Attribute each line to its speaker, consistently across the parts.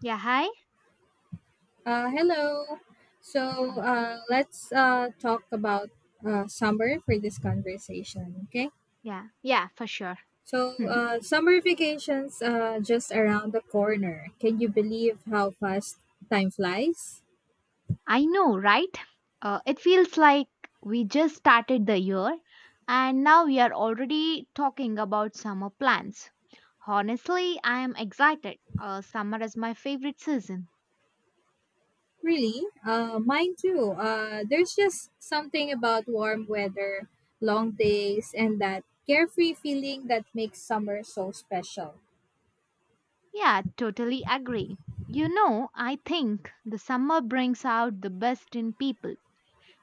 Speaker 1: Yeah, hi.
Speaker 2: Hello. Let's talk about summer for this conversation, okay?
Speaker 1: Yeah, yeah, for sure. Mhm.
Speaker 2: Summer vacations just around the corner. Can you believe how fast time flies?
Speaker 1: I know, right? It feels like we just started the year, and now we are already talking about summer plans. Honestly, I am excited. Summer is my favorite season.
Speaker 2: Really? Mine too. There's just something about warm weather, long days, and that carefree feeling that makes summer so special.
Speaker 1: Yeah, totally agree. You know, I think the summer brings out the best in people.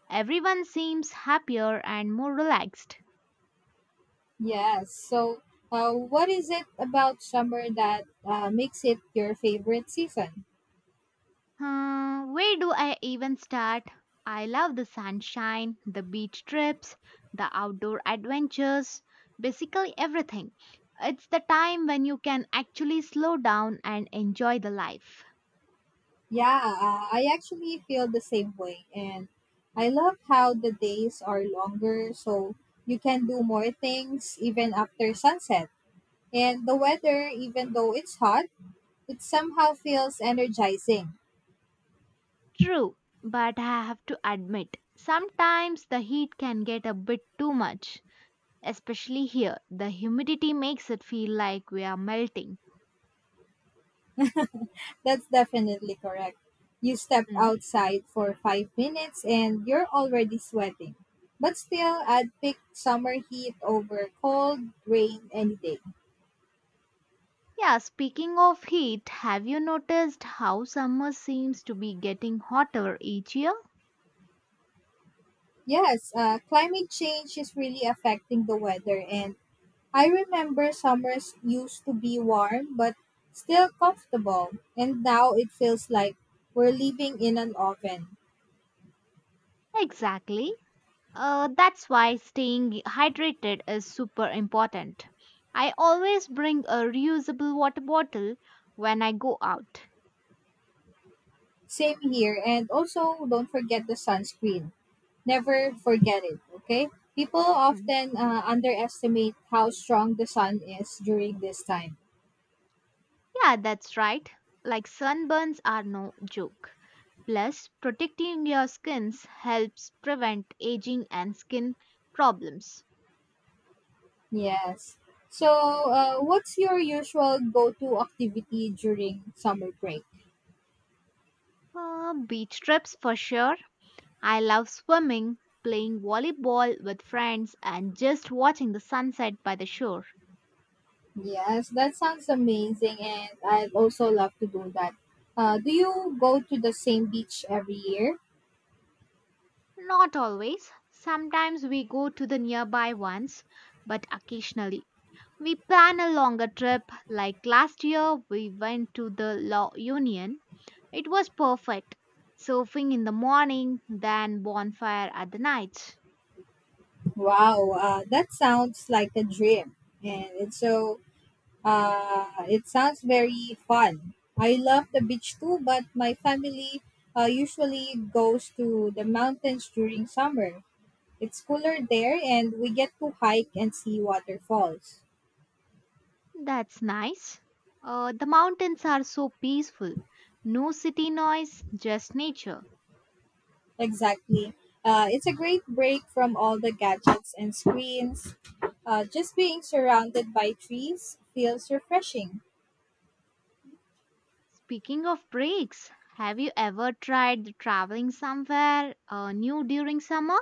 Speaker 1: Everyone seems happier and more relaxed.
Speaker 2: Yes. What is it about summer that makes it your favorite season?
Speaker 1: Hmm, where do I even start? I love the sunshine, the beach trips, the outdoor adventures, basically everything. It's the time when you can actually slow down and enjoy the life.
Speaker 2: Yeah, I actually feel the same way. And I love how the days are longer, so you can do more things even after sunset. And the weather, even though it's hot, it somehow feels energizing.
Speaker 1: True, but I have to admit, sometimes the heat can get a bit too much. Especially here, the humidity makes it feel like we are melting.
Speaker 2: That's definitely correct. You step
Speaker 1: Hmm.
Speaker 2: outside for 5 minutes and you're already sweating. But still, I'd pick summer heat over cold rain any day.
Speaker 1: Yeah, speaking of heat, have you noticed how summer seems to be getting hotter each year?
Speaker 2: Yes, climate change is really affecting the weather, and I remember summers used to be warm but still comfortable, and now it feels like we're living in an oven.
Speaker 1: Exactly. That's why staying hydrated is super important. I always bring a reusable water bottle when I go out.
Speaker 2: Same here, and also don't forget the sunscreen. Never forget it, okay? People
Speaker 1: Hmm.
Speaker 2: often underestimate how strong the sun is during this time.
Speaker 1: Yeah, that's right. Like sunburns are no joke. Plus, protecting your skins helps prevent aging and skin problems.
Speaker 2: Yes. What's your usual go to activity during summer break?
Speaker 1: Beach trips for sure. I love swimming, playing volleyball with friends, and just watching the sunset by the shore.
Speaker 2: Yes, that sounds amazing, and I'd also love to do that. Do you go to the same beach every year?
Speaker 1: Not always. Sometimes we go to the nearby ones, but occasionally. We plan a longer trip, like last year we went to the Law Union. It was perfect. Surfing in the morning, then bonfire at the night.
Speaker 2: Wow, that sounds like a dream, and it sounds very fun. I love the beach too, but my family usually goes to the mountains during summer. It's cooler there, and we get to hike and see waterfalls.
Speaker 1: That's nice. The mountains are so peaceful. No city noise, just nature.
Speaker 2: Exactly. It's a great break from all the gadgets and screens. Just being surrounded by trees feels refreshing.
Speaker 1: Speaking of breaks, have you ever tried traveling somewhere new during summer?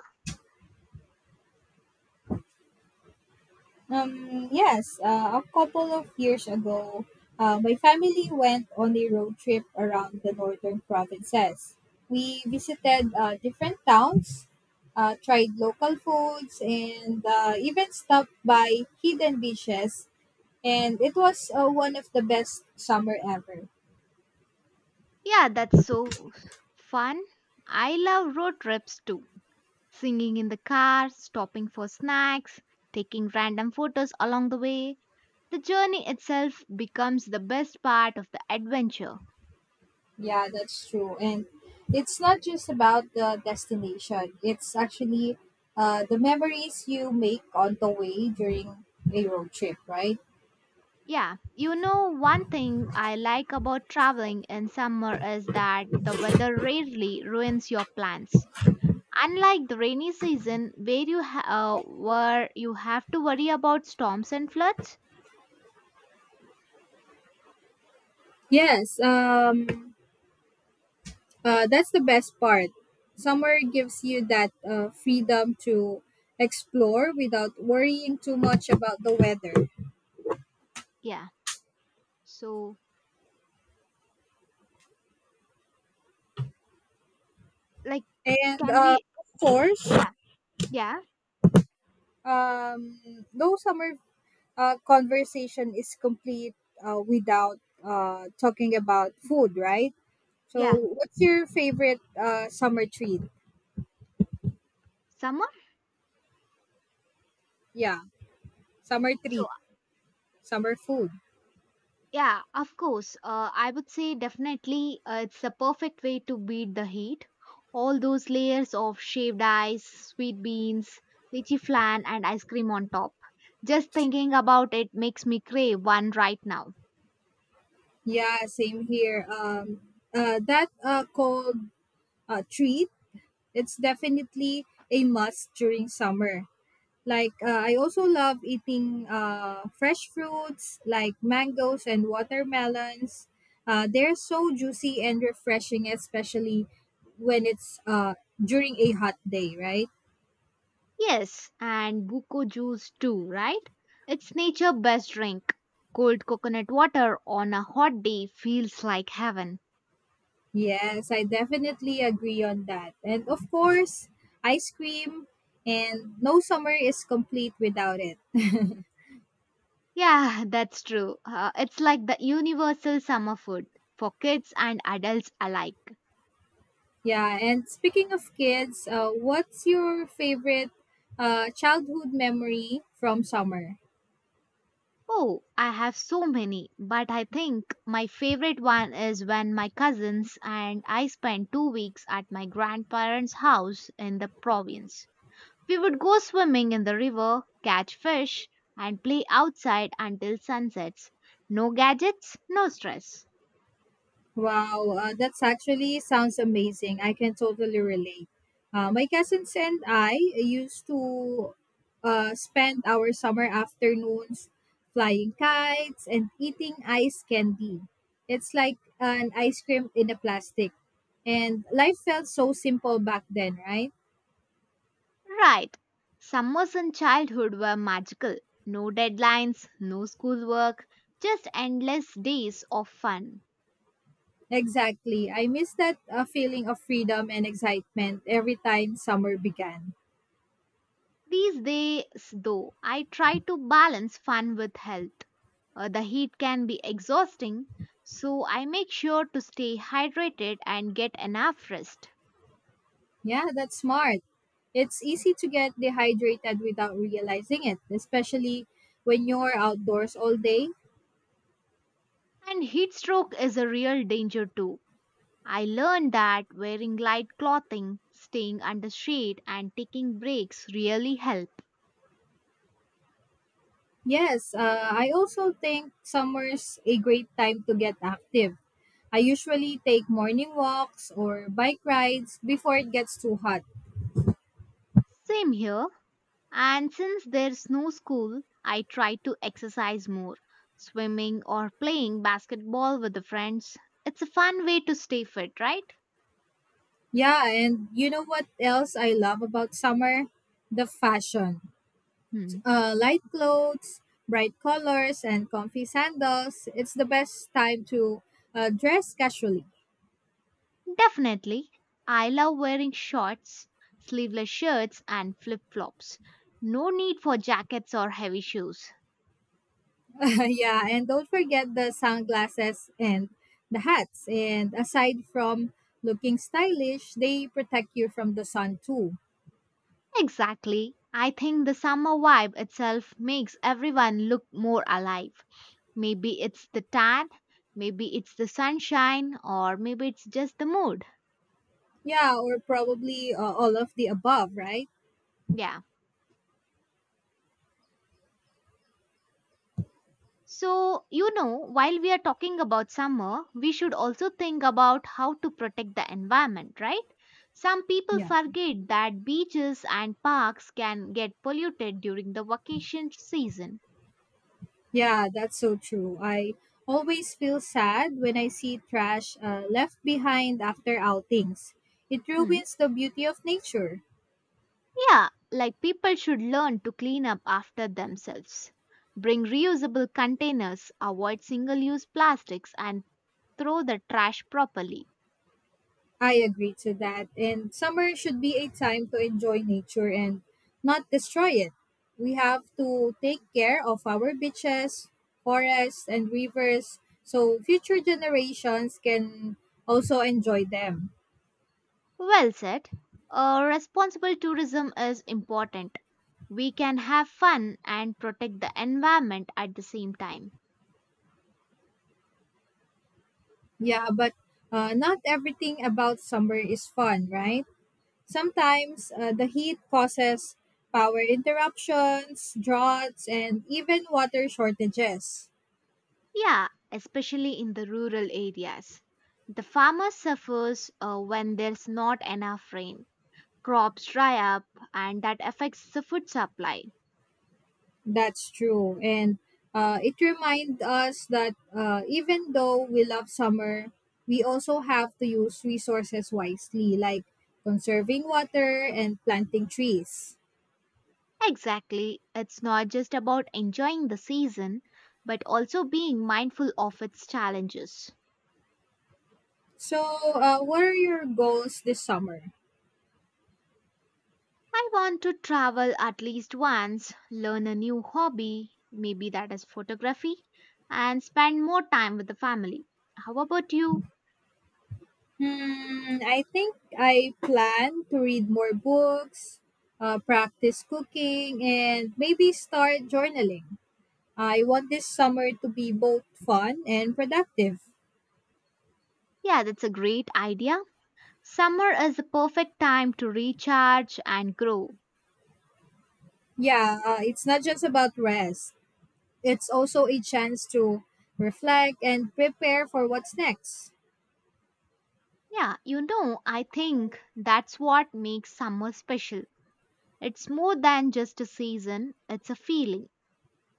Speaker 2: Yes, a couple of years ago, my family went on a road trip around the northern provinces. We visited different towns, tried local foods, and even stopped by hidden beaches. And it was one of the best summer ever.
Speaker 1: Yeah, that's so fun. I love road trips too. Singing in the car, stopping for snacks, taking random photos along the way. The journey itself becomes the best part of the adventure.
Speaker 2: Yeah, that's true. And it's not just about the destination, it's actually the memories you make on the way during a road trip, right?
Speaker 1: Yeah, you know, one thing I like about traveling in summer is that the weather rarely ruins your plans. Unlike the rainy season, where where you have to worry about storms and floods.
Speaker 2: Yes, that's the best part. Summer gives you that freedom to explore without worrying too much about the weather.
Speaker 1: Yeah. So, like,
Speaker 2: And
Speaker 1: can we?
Speaker 2: of course,
Speaker 1: Yeah, yeah,
Speaker 2: um, no summer conversation is complete without talking about food, right? So,
Speaker 1: yeah.
Speaker 2: what's your favorite summer treat?
Speaker 1: Summer.
Speaker 2: Yeah, summer
Speaker 1: So,
Speaker 2: treat, summer food.
Speaker 1: yeah, of course. I would say definitely, it's the perfect way to beat the heat. All those layers of shaved ice, sweet beans, lychee flan, and ice cream on top. Just thinking about it makes me crave one right now.
Speaker 2: Yeah, same here. That cold treat, it's definitely a must during summer. Like I also love eating fresh fruits like mangoes and watermelons. They're so juicy and refreshing, especially when it's during a hot day, right?
Speaker 1: Yes, and buko juice too, right? It's nature best drink. Cold coconut water on a hot day feels like heaven.
Speaker 2: Yes, I definitely agree on that. And of course, ice cream, and no summer is complete without it.
Speaker 1: Yeah, that's true. It's like the universal summer food for kids and adults alike.
Speaker 2: Yeah, and speaking of kids, what's your favorite childhood memory from summer?
Speaker 1: Oh, I have so many, but I think my favorite one is when my cousins and I spent 2 weeks at my grandparents' house in the province. We would go swimming in the river, catch fish, and play outside until sunsets. No gadgets, no stress.
Speaker 2: Wow, that's actually sounds amazing. I can totally relate. My cousins and I used to spend our summer afternoons flying kites and eating ice candy. It's like an ice cream in a plastic. And life felt so simple back then, right?
Speaker 1: Right. Summers in childhood were magical. No deadlines, no schoolwork, just endless days of fun.
Speaker 2: Exactly. I miss that feeling of freedom and excitement every time summer began.
Speaker 1: These days, though, I try to balance fun with health. The heat can be exhausting, so I make sure to stay hydrated and get enough rest.
Speaker 2: Yeah, that's smart. It's easy to get dehydrated without realizing it, especially when you're outdoors all day.
Speaker 1: And heat stroke is a real danger too. I learned that wearing light clothing, staying under shade, and taking breaks really help.
Speaker 2: Yes, I also think summer's a great time to get active. I usually take morning walks or bike rides before it gets too hot.
Speaker 1: Same here. And since there's no school, I try to exercise more, swimming or playing basketball with the friends. It's a fun way to stay fit, right?
Speaker 2: Yeah, and you know what else I love about summer? The fashion.
Speaker 1: Hmm.
Speaker 2: Light clothes, bright colors, and comfy sandals. It's the best time to dress casually.
Speaker 1: Definitely. I love wearing shorts, sleeveless shirts, and flip flops. No need for jackets or heavy shoes.
Speaker 2: Yeah, and don't forget the sunglasses and the hats. And aside from looking stylish, they protect you from the sun too.
Speaker 1: Exactly. I think the summer vibe itself makes everyone look more alive. Maybe it's the tan, maybe it's the sunshine, or maybe it's just the mood.
Speaker 2: Yeah, or probably all of the above, right?
Speaker 1: Yeah. So, you know, while we are talking about summer, we should also think about how to protect the environment, right? Some people
Speaker 2: Yeah.
Speaker 1: forget that beaches and parks can get polluted during the vacation season.
Speaker 2: Yeah, that's so true. I always feel sad when I see trash left behind after outings. It
Speaker 1: Hmm.
Speaker 2: ruins the beauty of nature.
Speaker 1: Yeah, like people should learn to clean up after themselves. Bring reusable containers, avoid single use plastics, and throw the trash properly.
Speaker 2: I agree to that. And summer should be a time to enjoy nature and not destroy it. We have to take care of our beaches, forests, and rivers so future generations can also enjoy them.
Speaker 1: Well said. Responsible tourism is important. We can have fun and protect the environment at the same time.
Speaker 2: Yeah, but not everything about summer is fun, right? Sometimes the heat causes power interruptions, droughts, and even water shortages.
Speaker 1: Yeah, especially in the rural areas. The farmer suffers when there's not enough rain. Crops dry up, and that affects the food supply.
Speaker 2: That's true. And it reminds us that even though we love summer, we also have to use resources wisely, like conserving water and planting trees.
Speaker 1: Exactly. It's not just about enjoying the season, but also being mindful of its challenges.
Speaker 2: So, what are your goals this summer?
Speaker 1: I want to travel at least once, learn a new hobby, maybe that is photography, and spend more time with the family. How about you?
Speaker 2: Hmm, I think I plan to read more books, practice cooking, and maybe start journaling. I want this summer to be both fun and productive.
Speaker 1: Yeah, that's a great idea. Summer is the perfect time to recharge and grow.
Speaker 2: Yeah, it's not just about rest. It's also a chance to reflect and prepare for what's next.
Speaker 1: Yeah, you know, I think that's what makes summer special. It's more than just a season, it's a feeling,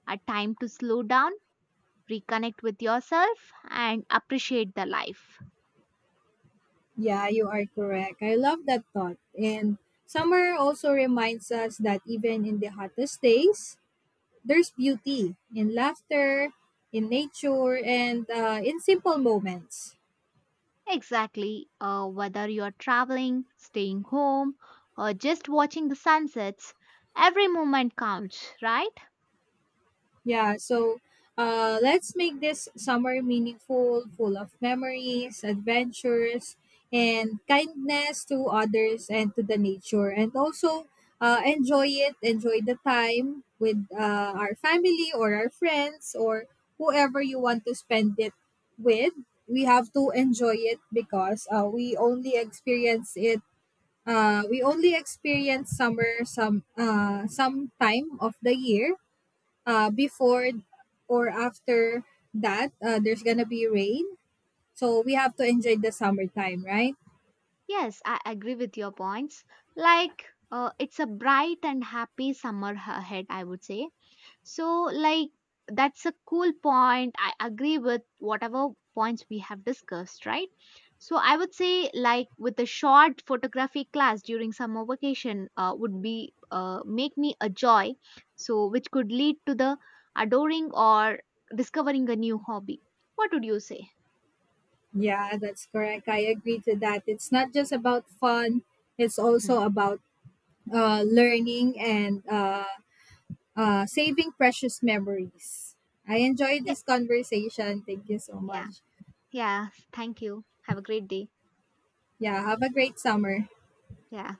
Speaker 1: a time to slow down, reconnect with yourself, and appreciate the life.
Speaker 2: Yeah, you are correct. I love that thought. And summer also reminds us that even in the hottest days, there's beauty in laughter, in nature, and in simple moments.
Speaker 1: Exactly, whether you're traveling, staying home, or just watching the sunsets, every moment counts, right?
Speaker 2: Yeah, so let's make this summer meaningful, full of memories, adventures, and kindness to others and to the nature. And also enjoy it, enjoy the time with our family or our friends or whoever you want to spend it with. We have to enjoy it because we only experience it. We only experience summer some time of the year before or after that, there's gonna be rain. So we have to enjoy the summertime, right?
Speaker 1: Yes, I agree with your points. Like, it's a bright and happy summer ahead, I would say. So, like, that's a cool point. I agree with whatever points we have discussed, right? So, I would say, like, with a short photography class during summer vacation, would be make me a joy. So, which could lead to the adoring or discovering a new hobby. What would you say?
Speaker 2: Yeah, that's correct. I agree to that. It's not just about fun, it's
Speaker 1: Mhm.
Speaker 2: also about learning and saving precious memories. I enjoyed
Speaker 1: Yeah,
Speaker 2: this conversation. Thank you so
Speaker 1: yeah,
Speaker 2: much.
Speaker 1: yeah. Thank you. Have a great day.
Speaker 2: Yeah, have a great summer.
Speaker 1: Yeah,